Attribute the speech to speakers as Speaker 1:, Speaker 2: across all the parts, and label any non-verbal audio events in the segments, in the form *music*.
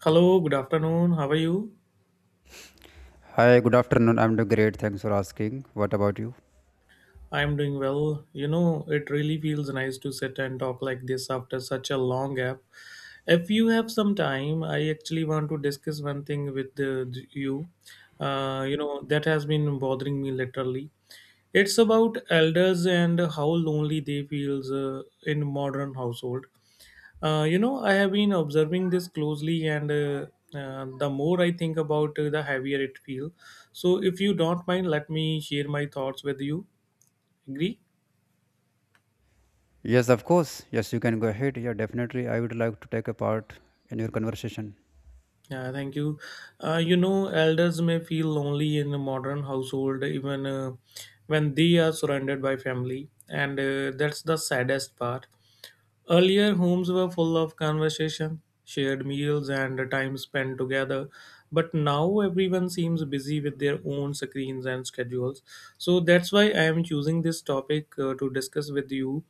Speaker 1: Hello, good afternoon. How are you?
Speaker 2: Hi, good afternoon. I'm doing great. Thanks for asking. What about you?
Speaker 1: I'm doing well. You know, it really feels nice to sit and talk like this after such a long gap. If you have some time, I actually want to discuss one thing with you. That has been bothering me literally. It's about elders and how lonely they feels in modern household. I have been observing this closely, and the more I think about the heavier it feels. So, if you don't mind, let me share my thoughts with you. Agree?
Speaker 2: Yes, of course. Yes, you can go ahead. Yeah, definitely. I would like to take a part in your conversation.
Speaker 1: Yeah, thank you. Elders may feel lonely in a modern household, even when they are surrounded by family, and that's the saddest part. Earlier, homes were full of conversation, shared meals, and time spent together. But now everyone seems busy with their own screens and schedules. So that's why I am choosing this topic to discuss with you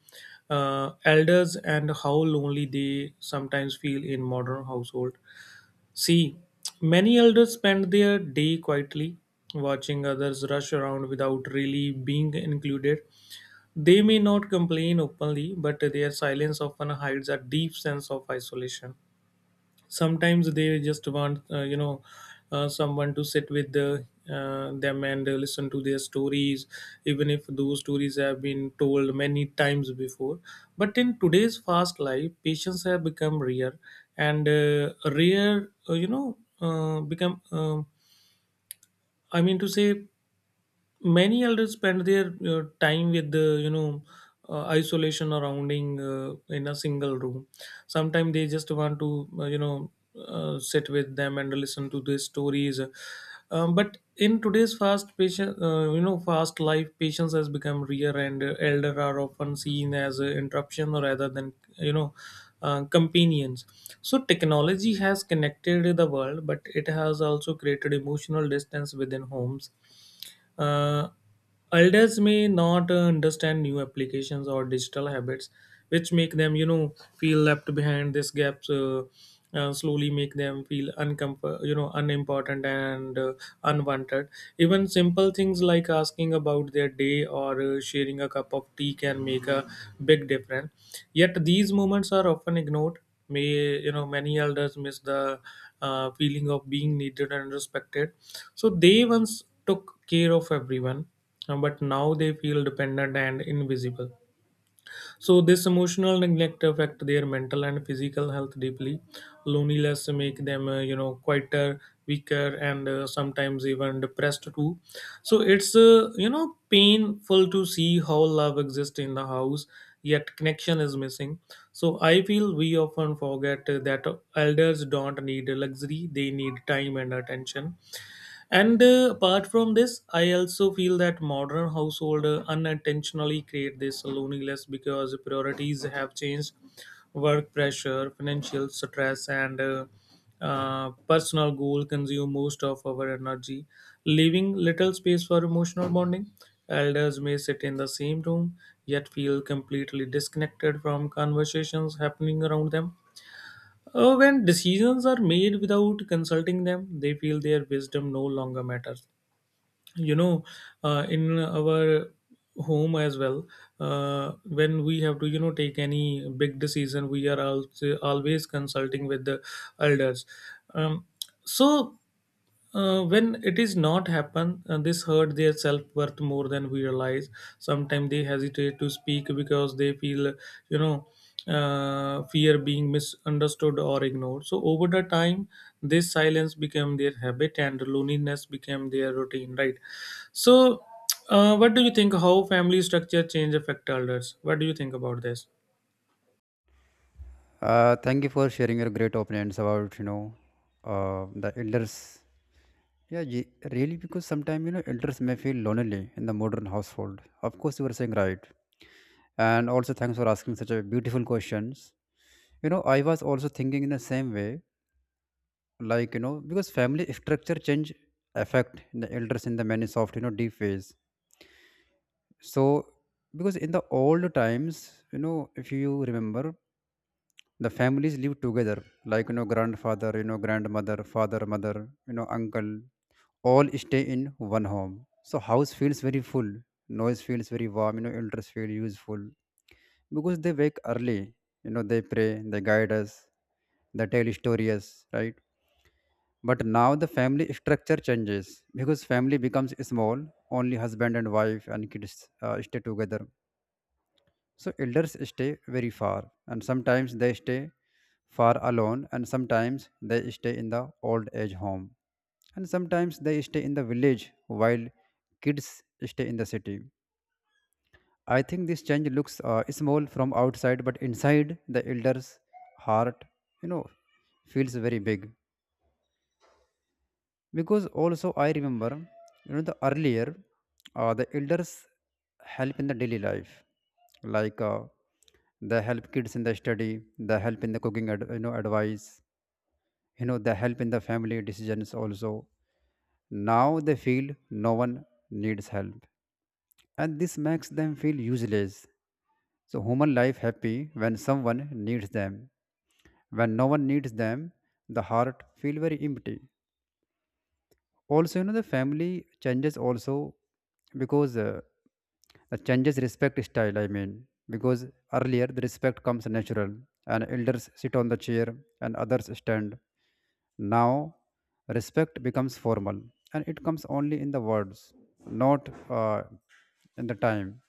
Speaker 1: elders and how lonely they sometimes feel in modern household. See, many elders spend their day quietly, watching others rush around without really being included. They may not complain openly, but their silence often hides a deep sense of isolation. Sometimes they just want, someone to sit with them and listen to their stories, even if those stories have been told many times before. But in today's fast life, patients have become rare, and rare, become. I mean to say many elders spend their time with the isolation surrounding in a single room. Sometimes they just want to sit with them and listen to their stories. But in today's fast patient, fast life patience has become rare, and elder are often seen as an interruption rather than you know companions. So technology has connected the world, but it has also created emotional distance within homes. uh, Elders may not understand new applications or digital habits, which make them, you know, feel left behind. These gaps slowly make them feel uncomfort, you know, unimportant and unwanted. Even simple things like asking about their day or sharing a cup of tea can make a big difference. Yet these moments are often ignored. May, you know, many elders miss the feeling of being needed and respected. So they once took care of everyone, but now they feel dependent and invisible. So this emotional neglect affect their mental and physical health deeply. Loneliness make them, quieter, weaker, and sometimes even depressed too. So it's painful to see how love exists in the house, yet connection is missing. So I feel we often forget that elders don't need luxury; they need time and attention. And apart from this, I also feel that modern household unintentionally create this loneliness because priorities have changed. Work pressure, financial stress, and personal goal consume most of our energy, leaving little space for emotional bonding. Elders may sit in the same room yet feel completely disconnected from conversations happening around them. When decisions are made without consulting them, they feel their wisdom no longer matters. You know, in our home as well, when we have to, you know, take any big decision, we are also always consulting with the elders. Um, so when it is not happen, this hurt their self worth more than we realize. Sometimes they hesitate to speak because they feel, you know, fear being misunderstood or ignored. So over the time, this silence became their habit and loneliness became their routine. Right. So, what do you think? How family structure change affect elders? What do you think about this?
Speaker 2: Thank you for sharing your great opinions about the elders. Yeah, ye- Really, because sometimes you know, elders may feel lonely in the modern household. Of course, you were saying right, and also thanks for asking such a beautiful questions. You know, I was also thinking in the same way like you know, because family *laughs* structure change affect the elders in the many soft you know, deep ways. So because in the old times you know, if you remember, the families live together like you know, grandfather, you know, grandmother, father, mother, you know, uncle, all stay in one home. So house feels very full, noise feels very warm, you know, elders feel useful because they wake early, you know, they pray, they guide us, they tell stories, right? But now the family structure changes because family becomes small, only husband and wife and kids stay together. So elders stay very far, and sometimes they stay far alone, and sometimes they stay in the old age home, and sometimes they stay in the village while kids stay in the city. I think this change looks small from outside, but inside the elders' heart, you know, feels very big. Because also I remember, you know, the earlier the elders help in the daily life, like they help kids in the study, they help in the cooking ad, you know, advice, you know, they help in the family decisions also. Now they feel no one needs help, and this makes them feel useless. So human life happy when someone needs them. When no one needs them, the heart feel very empty. Also, you know, the family changes also because the changes respect style, I mean, because earlier the respect comes natural and elders sit on the chair and others stand. Now, respect becomes formal, and it comes only in the words, not in the time.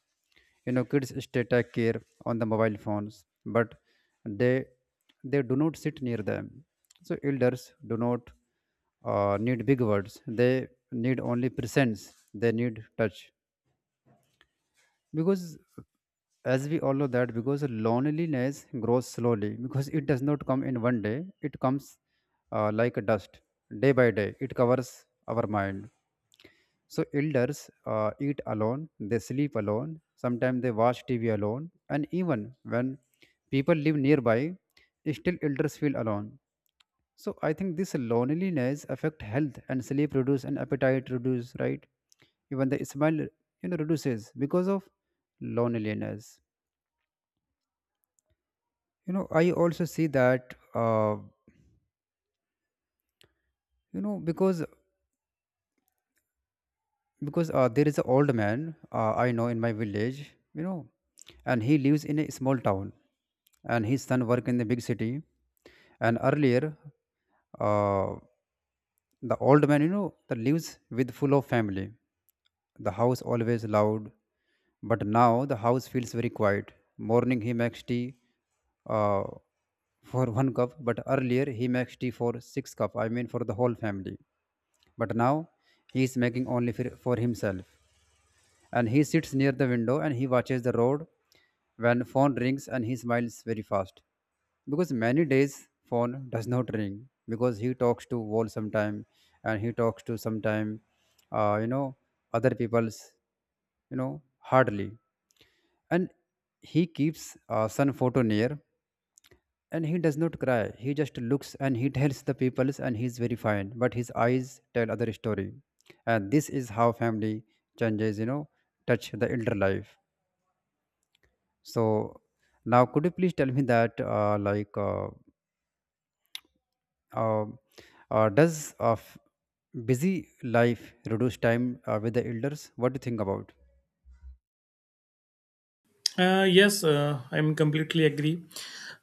Speaker 2: You know, kids stay take care on the mobile phones, but they they do not sit near them. So elders do not need big words; they need only presence. They need touch because as we all know that, because loneliness grows slowly because it does not come in one day, it comes like a dust, day by day it covers our mind. So elders eat alone, they sleep alone, sometimes they watch TV alone, and even when people live nearby, still elders feel alone. So I think this loneliness affect health and sleep reduce and appetite reduce, right? Even the smile, you know, reduces because of loneliness. You know, I also see that, you know, because there is an old man I know in my village, you know, and he lives in a small town, and his son work in the big city, and earlier, uh, the old man, you know, that lives with full of family. The house always loud, but now the house feels very quiet. Morning he makes tea uh, for one cup, but earlier he makes tea for six cup. I mean for the whole family. But now he is making only for himself. And he sits near the window and he watches the road. When phone rings and he smiles very fast, because many days phone does not ring, because he talks to wall sometime and he talks to sometime uh, you know other people's, you know, hardly. And he keeps sun photo near, and he does not cry. He just looks and he *laughs* tells the peoples and he's very fine. But his eyes tell other story. And this is how family changes, you know, touch the elder life. So now could you please tell me that uh, does busy life reduce time with the elders? What do you think about?
Speaker 1: Yes, I'm completely agree.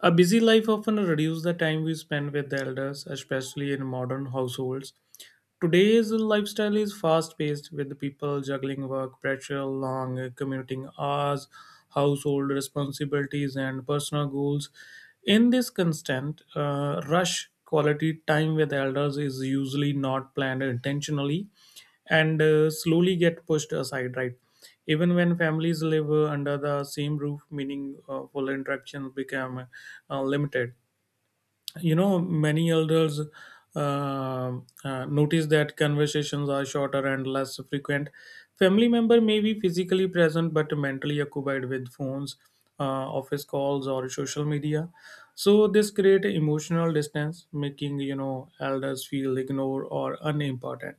Speaker 1: A busy life often reduces the time we spend with the elders, especially in modern households. Today's lifestyle is fast paced, with people juggling work pressure, long commuting hours, household responsibilities, and personal goals. In this constant rush, quality time with elders is usually not planned intentionally and slowly get pushed aside, right? Even when families live under the same roof, meaningful interactions become limited. You know, many elders uh, notice that conversations are shorter and less frequent. Family member may be physically present but mentally occupied with phones, uh, office calls, or social media. So this create emotional distance, making, you know, elders feel ignored or unimportant.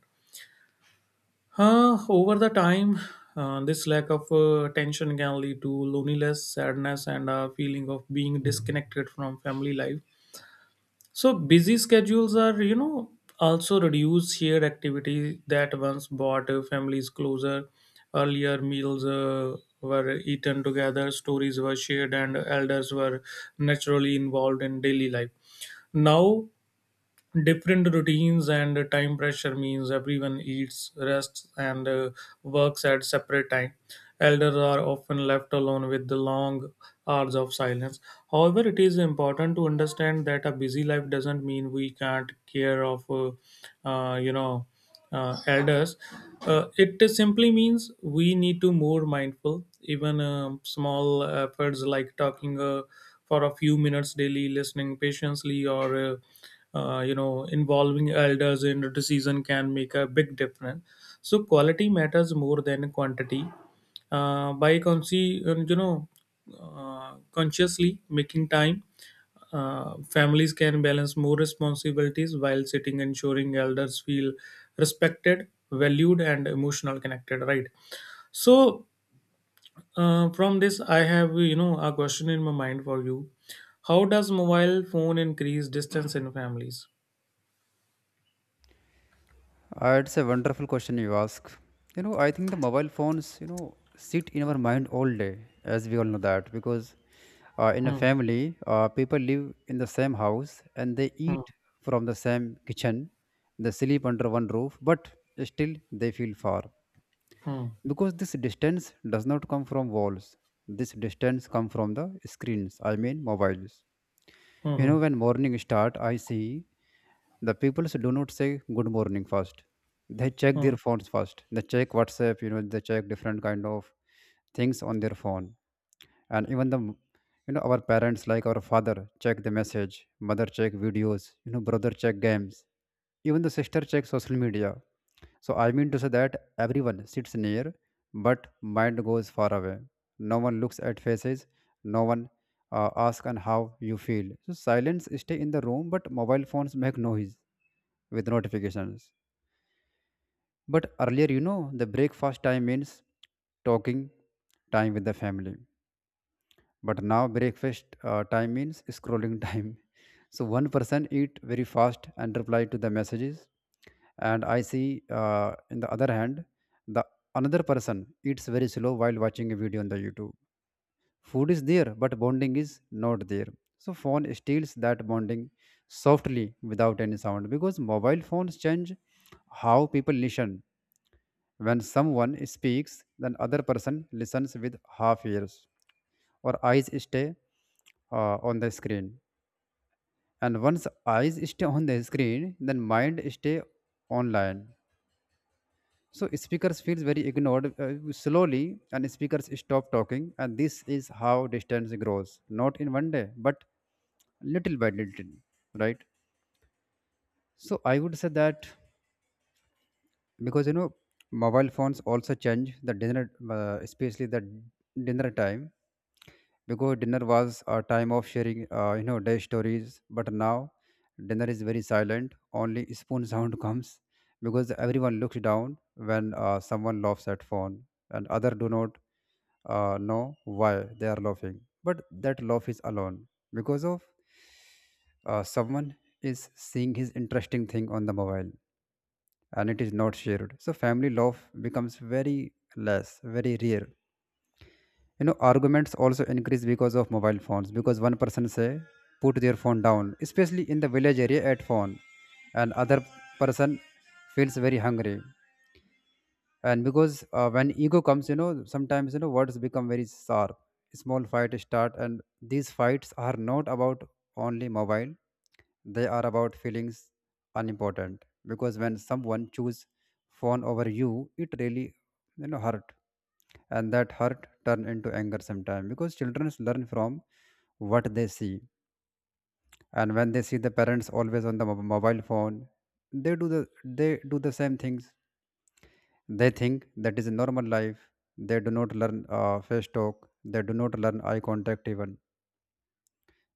Speaker 1: Over the time, this lack of attention can lead to loneliness, sadness, and a feeling of being disconnected from family life. So busy schedules are, you know, also reduce shared activities that once brought families closer. Earlier meals were eaten together, stories were shared, and elders were naturally involved in daily life. Now different routines and time pressure means everyone eats, rests, and works at separate time. Elders are often left alone with the long hours of silence. However, it is important to understand that a busy life doesn't mean we can't care of uh, you know elders. It simply means we need to more mindful. Even small efforts like talking for a few minutes daily, listening patiently, or involving elders in a decision can make a big difference. So quality matters more than quantity. By consciously making time, families can balance more responsibilities while sitting ensuring elders feel respected, valued, and emotional connected, right? So from this I have, you know, a question in my mind for you. How does mobile phone increase distance in families?
Speaker 2: It's a wonderful question you ask. You know, I think the mobile phones, you know, sit in our mind all day, as we all know that, because in a
Speaker 1: Hmm.
Speaker 2: family, people live in the same house and they
Speaker 1: Hmm.
Speaker 2: eat from the same kitchen, they sleep under one roof, but still they feel far.
Speaker 1: Hmm.
Speaker 2: Because this distance does not come from walls, this distance comes from the screens, I mean mobiles. You
Speaker 1: Hmm.
Speaker 2: know, when morning start, I see the people do not say good morning first. They check
Speaker 1: Hmm. Hmm.
Speaker 2: their phones first. They check WhatsApp. You know, they check different kind of things on their phone. And even the, you know, our parents, like our father check the message, mother check videos. You know, brother check games. Even the sister check social media. So I mean to say that everyone sits near, but mind goes far away. No one looks at faces. No one asks on how you feel. So silence stay in the room, but mobile phones make noise with notifications. But earlier, you know, the breakfast time means talking time with the family, but now breakfast time means scrolling time. *laughs* So one person eat very fast and reply to the messages, and I see, in the other hand, the another person eats very slow while watching a video on the YouTube. Food is there but bonding is not there. So phone steals that bonding softly without any sound, because mobile phones change how people listen. When someone speaks, then other person listens with half ears, or eyes stay on the screen. And once eyes stay on the screen, then mind stay online. So speakers feels very ignored, slowly, and speakers stop talking, and this is how distance grows, not in one day but little by little, right? So I would say that because, you know, mobile phones also change the dinner, especially the dinner time, because dinner was a time of sharing, you know, day stories, but now dinner is very silent. Only spoon *laughs* sound comes because everyone looks down when someone laughs at phone and other do not know why they are laughing, but that laugh is alone because of someone is seeing his interesting thing on the mobile and it is not shared. So family love becomes very less, very rare. You know, arguments also increase because of mobile phones, because one person say put their phone down, especially in the village area at phone, and other person feels very hungry. And because when ego comes, you know, sometimes, you know, words become very sharp, small fights start, and these fights are not about only mobile, they are about feelings. Unimportant, because when someone choose phone over you, it really, you know, hurt, and that hurt turn into anger sometime. Because children learn from what they see, and when they see the parents always on the mobile phone, they do the, they do the same things. They think that is a normal life. They do not learn face talk. They do not learn eye contact even.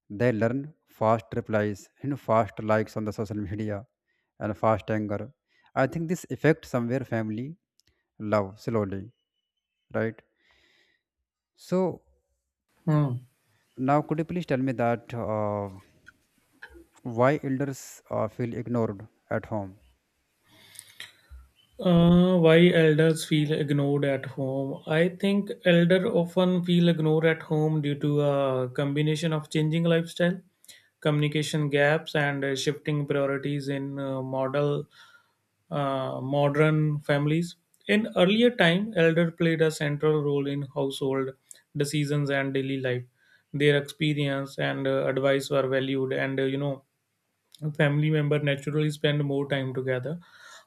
Speaker 2: They learn fast replies, you know, fast likes on the social media and fast anger. I think this affects somewhere family love slowly, right? So
Speaker 1: Hmm.
Speaker 2: now could you please tell me that why elders feel ignored at home?
Speaker 1: Why elders feel ignored at home? I think elder often feel ignored at home due to a combination of changing lifestyle, communication gaps, and shifting priorities in model modern families. In earlier time, elder played a central role in household decisions and daily life. Their experience and advice were valued, and family member naturally spend more time together.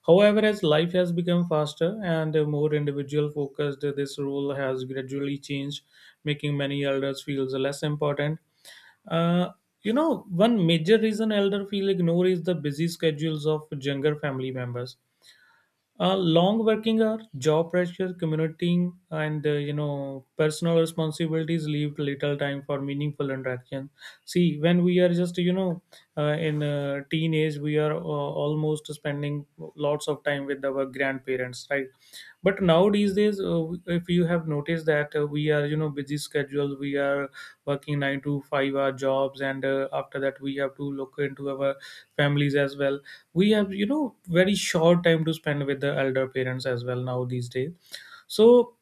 Speaker 1: However, as life has become faster and more individual focused, this role has gradually changed, making many elders feel less important. Uh, One major reason elder feel ignored is the busy schedules of younger family members. Long working hour, job pressure, commuting, and personal responsibilities leave little time for meaningful interaction. See, when we are just, you know, in teenage, we are almost spending lots of time with our grandparents, right? But nowadays, days, if you have noticed that we are, you know, busy schedule, we are working 9 to 5 hour jobs, and after that we have to look into our families as well. We have, you know, very short time to spend with the elder parents as well now these days. So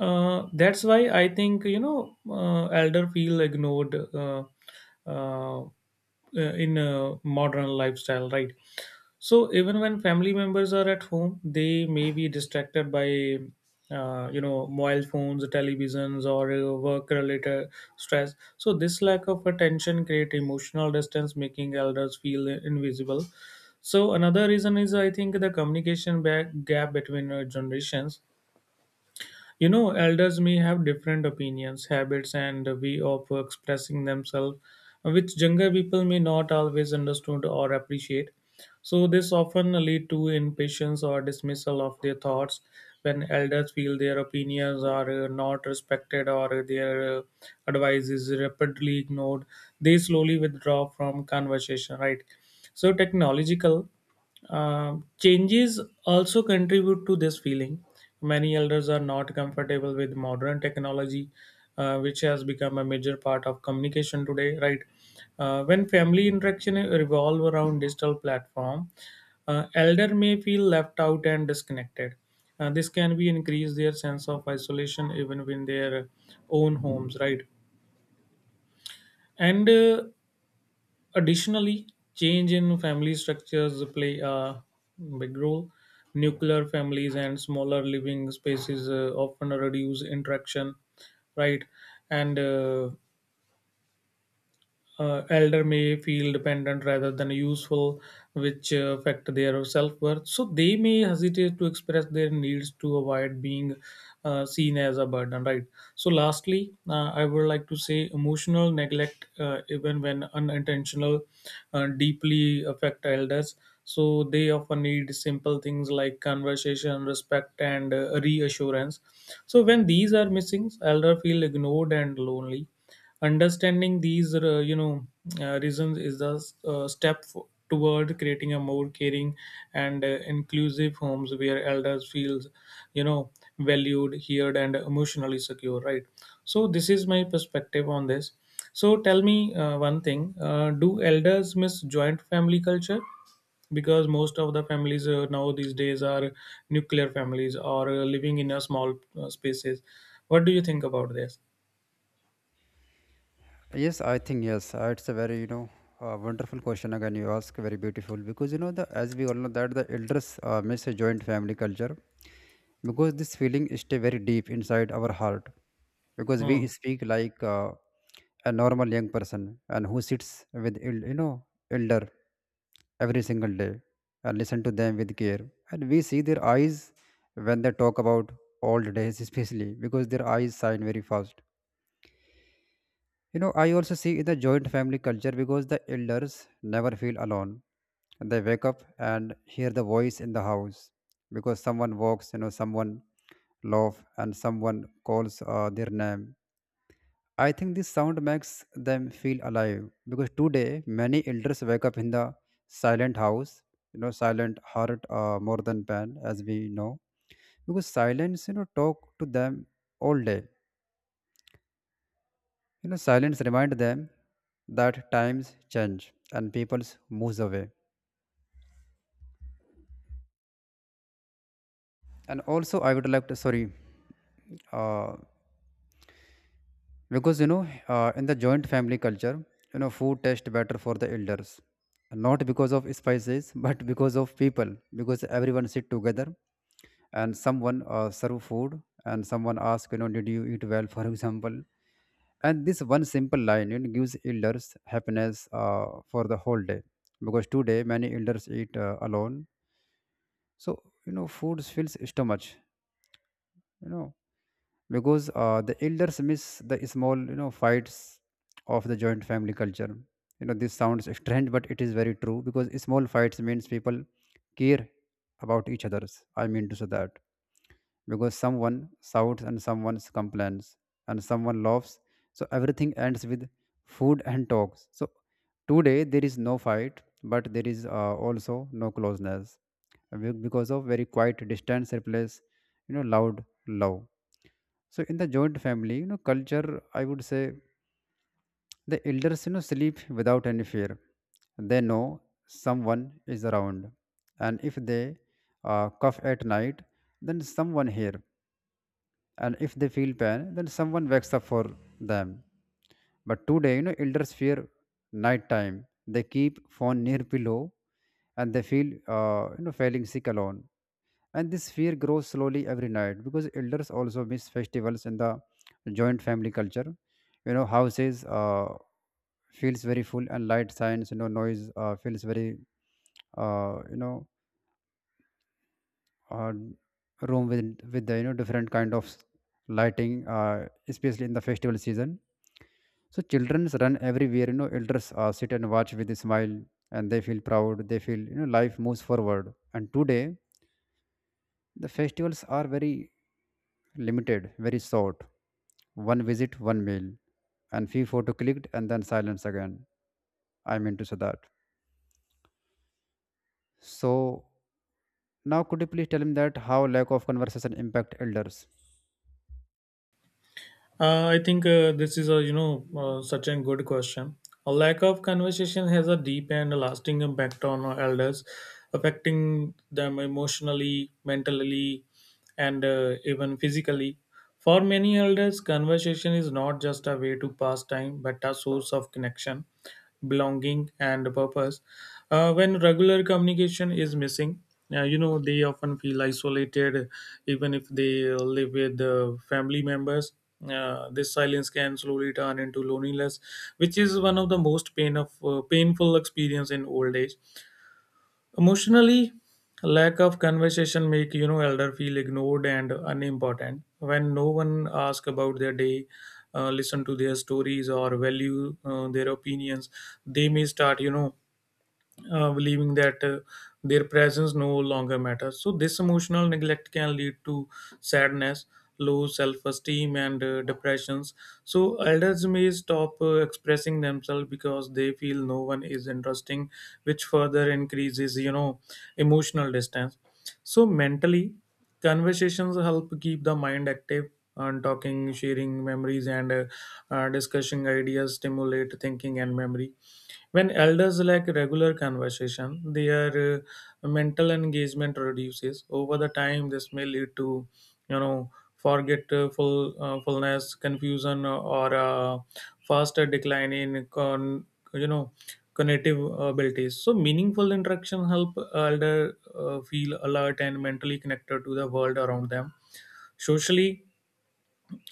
Speaker 1: that's why I think, you know, elder feel ignored uh, uh, in a modern lifestyle, right? So even when family members are at home, they may be distracted by mobile phones, televisions, or work related stress. So this lack of attention create emotional distance, making elders feel invisible. So another reason is I think the communication gap between generations. You know, elders may have different opinions, habits, and way of expressing themselves, which younger people may not always understand or appreciate. So this often lead to impatience or dismissal of their thoughts. When elders feel their opinions are not respected, or their advice is rapidly ignored, they slowly withdraw from conversation. Right. So technological changes also contribute to this feeling. Many elders are not comfortable with modern technology, which has become a major part of communication today. Right. When family interaction revolve around digital platform, elder may feel left out and disconnected. This can be increase their sense of isolation even in their own homes. Right. and Additionally, change in family structures play a big role. Nuclear families and smaller living spaces often reduce interaction, right? And elder may feel dependent rather than useful, which affect their self-worth. So they may hesitate to express their needs to avoid being seen as a burden, right? So lastly, I would like to say emotional neglect, even when unintentional, deeply affect elders. So they often need simple things like conversation, respect, and reassurance. So when these are missing, elder feel ignored and lonely. Understanding these, reasons is the step toward creating a more caring and inclusive homes where elders feels, you know, valued, heard, and emotionally secure. Right. So this is my perspective on this. So tell me one thing: do elders miss joint family culture? Because most of the families now these days are nuclear families or living in a small spaces. What do you think about this?
Speaker 2: Yes, I think yes. It's a very, you know, wonderful question again you ask. Very beautiful, because you know the, as we all know that, the elders miss a joint family culture because this feeling stay very deep inside our heart, because
Speaker 1: Hmm.
Speaker 2: we speak like a normal young person and who sits with you know, elder every single day and listen to them with care, and we see their eyes when they talk about old days especially, because their eyes shine very fast. You know, I also see in the joint family culture because the elders never feel alone. They wake up and hear the voice in the house, because someone walks, you know, someone laughs and someone calls their name. I think this sound makes them feel alive, because today many elders wake up in the silent house, you know, silent heart more than pen, as we know, because silence, you know, talk to them all day. You know, silence reminds them that times change and peoples moves away. And also, I would like to sorry, uh, because in the joint family culture, food tastes better for the elders, not because of spices, *laughs* but because of people, because everyone sit together, and someone serve food, and someone ask, did you eat well, *laughs* for example, and this one simple line it gives elders happiness for the whole day because today many elders eat alone. So food fills stomach know because the elders miss the small fights of the joint family culture. This sounds strange but it is very true because small fights means people care about each others. I mean to say that. Because someone shouts and someone complains and someone laughs. So everything ends with food and talks. So today there is no fight, but there is also no closeness. Because of very quiet distance replace loud love. So in the joint family culture, I would say the elders sleep without any fear. They know someone is around, and if they cough at night, then someone here, and if they feel pain then someone wakes up for them. But today elders fear night time. They keep phone near pillow, and they feel feeling sick alone. And this fear grows slowly every night because elders also miss festivals in the joint family culture. Houses feels very full and light signs, noise feels very uh, you know uh, room with the different kind of lighting, especially in the festival season. So childrens run everywhere. Elders sit and watch with a smile, and they feel proud. They feel life moves forward. And today the festivals are very limited, very short. One visit, one meal, and few photo clicked, and then silence again. I mean to say that. So now could you please tell me that how lack of conversation impact elders?
Speaker 1: I think this is a such a good question. A lack of conversation has a deep and lasting impact on our elders, affecting them emotionally, mentally, and even physically. For many elders, conversation is not just a way to pass time, but a source of connection, belonging, and purpose. When regular communication is missing, they often feel isolated, even if they live with family members. This silence can slowly turn into loneliness, which is one of the most painful experience in old age. Emotionally, lack of conversation make you know elder feel ignored and unimportant. When no one asks about their day, listen to their stories or value their opinions, they may start believing that their presence no longer matters. So, this emotional neglect can lead to sadness, low self esteem, and depressions. So, elders may stop expressing themselves because they feel no one is interesting, which further increases, you know, emotional distance. So, mentally, conversations help keep the mind active and talking sharing memories and discussing ideas stimulate thinking and memory when elders lack regular conversation, their mental engagement reduces. Over the time, this may lead to, you know, forgetful fullness, confusion, or faster decline you know, cognitive abilities. So, meaningful interaction help elder feel alert and mentally connected to the world around them. Socially,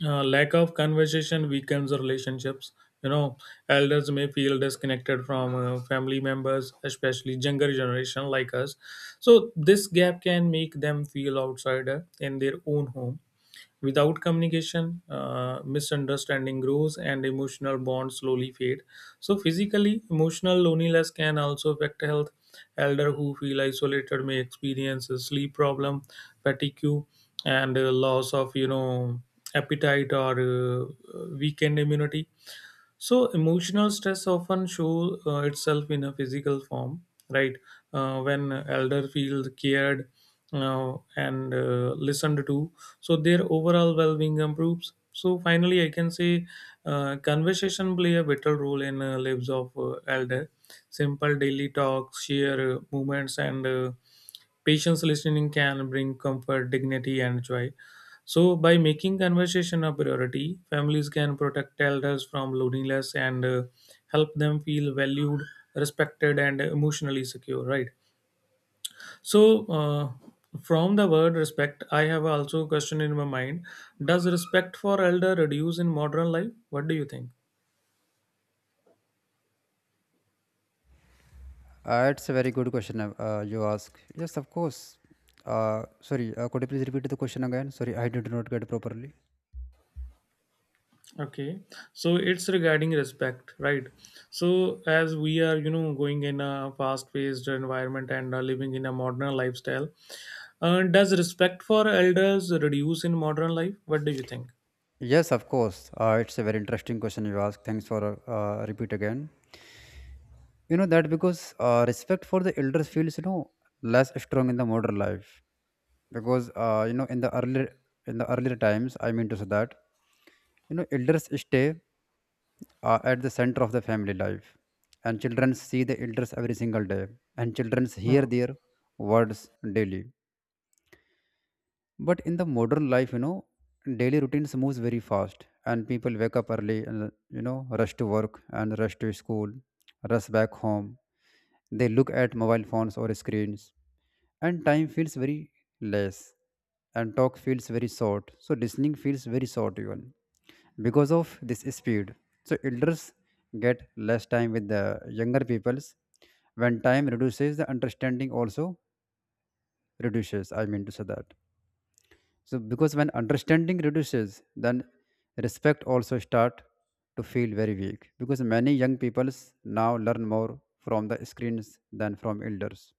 Speaker 1: lack of conversation weakens relationships. You know elders may feel disconnected from family members, especially younger generation like us. So this gap can make them feel outsider in their own home. Without communication, misunderstanding grows and emotional bonds slowly fade. So, physically, emotional loneliness can also affect health. Elder who feel isolated may experience a sleep problem, fatigue, and loss of appetite or weakened immunity. So emotional stress often show itself in a physical form, right? When elder feel cared and listened to, so their overall well-being improves. So finally, I can say conversation play a vital role in lives of elder. Simple daily talks, share moments, and patience listening can bring comfort, dignity, and joy. So, by making conversation a priority, families can protect elders from loneliness and help them feel valued, respected, and emotionally secure, right? So, from the word respect, I have also a question in my mind. Does respect for elder reduce in modern life? What do you think?
Speaker 2: It's a very good question you ask. Yes, of course. Sorry, could you please repeat the question again? Sorry, I did not get it properly.
Speaker 1: Okay, so it's regarding respect, right? So as we are, you know, going in a fast-paced environment and are living in a modern lifestyle, does respect for elders reduce in modern life? What do you think?
Speaker 2: Yes, of course. It's a very interesting question you ask. Thanks for repeat again. You know that because respect for the elders feels less strong in the modern life. Because in the earlier times. I mean to say that. Elders stay at the center of the family life, and children see the elders every single day, and children
Speaker 1: Hmm.
Speaker 2: hear their words daily. But in the modern life, daily routines moves very fast. And people wake up early and rush to work and rush to school, rush back home. They look at mobile phones or screens, and time feels very less, and talk feels very short, so listening feels very short even because of this speed. So elders get less time with the younger peoples. When time reduces, the understanding also reduces. I mean to say that. So because when understanding reduces, then respect also start to feel very weak, because many young peoples now learn more from the screens than from elders.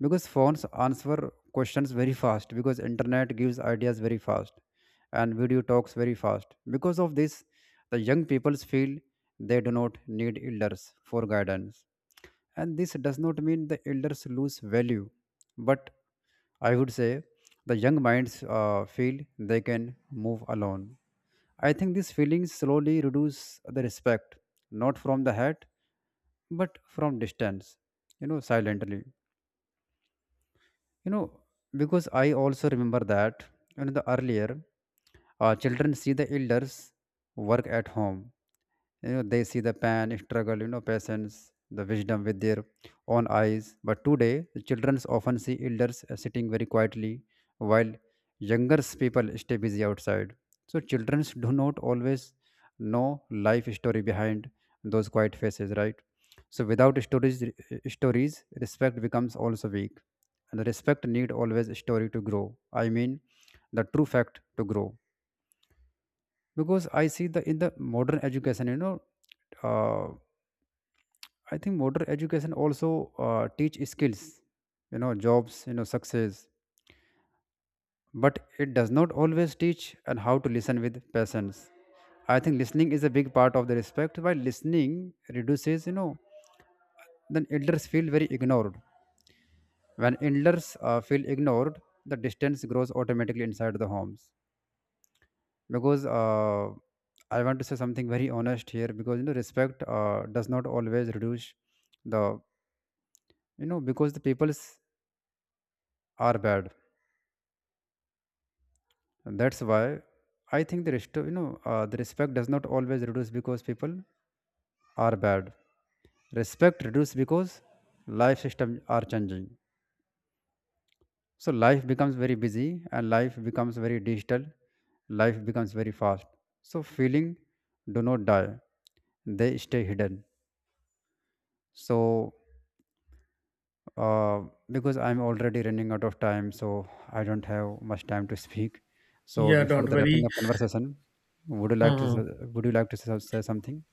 Speaker 2: Because phones answer questions very fast, because internet gives ideas very fast, and video talks very fast. Because of this, the young people feel they do not need elders for guidance. And this does not mean the elders lose value, but I would say the young minds feel they can move alone. I think these feelings slowly reduce the respect, not from the head but from distance, silently you know because I also remember that the earlier, children see the elders work at home. They see the pain, struggle, patience, the wisdom with their own eyes. But today the children often see elders sitting very quietly while younger people stay busy outside. So children do not always know life story behind those quiet faces, right? So without stories, respect becomes also weak. And the respect need always story to grow. I mean the true fact to grow. Because I see the in the modern education uh, I think modern education also teach skills, jobs, success, but it does not always teach and how to listen with patience. I think listening is a big part of the respect. While listening reduces, then elders feel very ignored. When elders feel ignored, the distance grows automatically inside the homes. Because I want to say something very honest here, because respect does not always reduce the, because the people's are bad. And that's why I think the rest, you know, the respect does not always reduce because people are bad. Respect reduces because life systems are changing. So life becomes very busy and life becomes very digital. Life becomes very fast. So feeling do not die; they stay hidden. So uh, because I'm already running out of time, so I don't have much time to speak. So
Speaker 1: Yeah,
Speaker 2: before
Speaker 1: don't
Speaker 2: the wrapping
Speaker 1: worry.
Speaker 2: up conversation, would you like to s-
Speaker 1: Mhm.
Speaker 2: would you like to say something?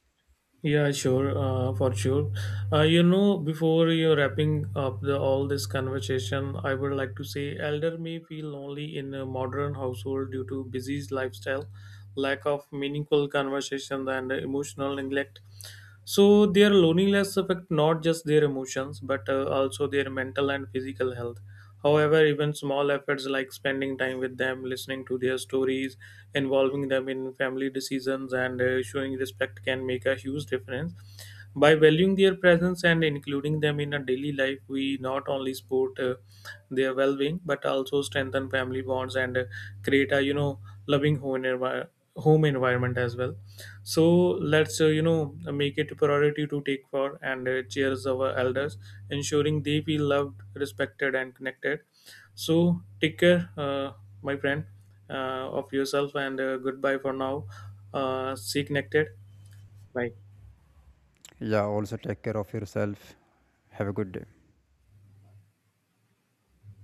Speaker 1: Yeah, sure, for sure. You know, before you're wrapping up the, all this conversation, I would like to say elder may feel lonely in a modern household due to busy lifestyle, lack of meaningful conversation, and emotional neglect. So their loneliness affect not just their emotions, but also their mental and physical health. However, even small efforts like spending time with them, listening to their stories, involving them in family decisions, and showing respect can make a huge difference. By valuing their presence and including them in our daily life, we not only support their well-being but also strengthen family bonds and create a loving home environment as well. So let's you know make it a priority to take for and cheers our elders, ensuring they feel loved, respected, and connected. So take care, my friend, of yourself, and goodbye for now. Stay connected. Bye.
Speaker 2: Yeah, also take care of yourself. Have a good day.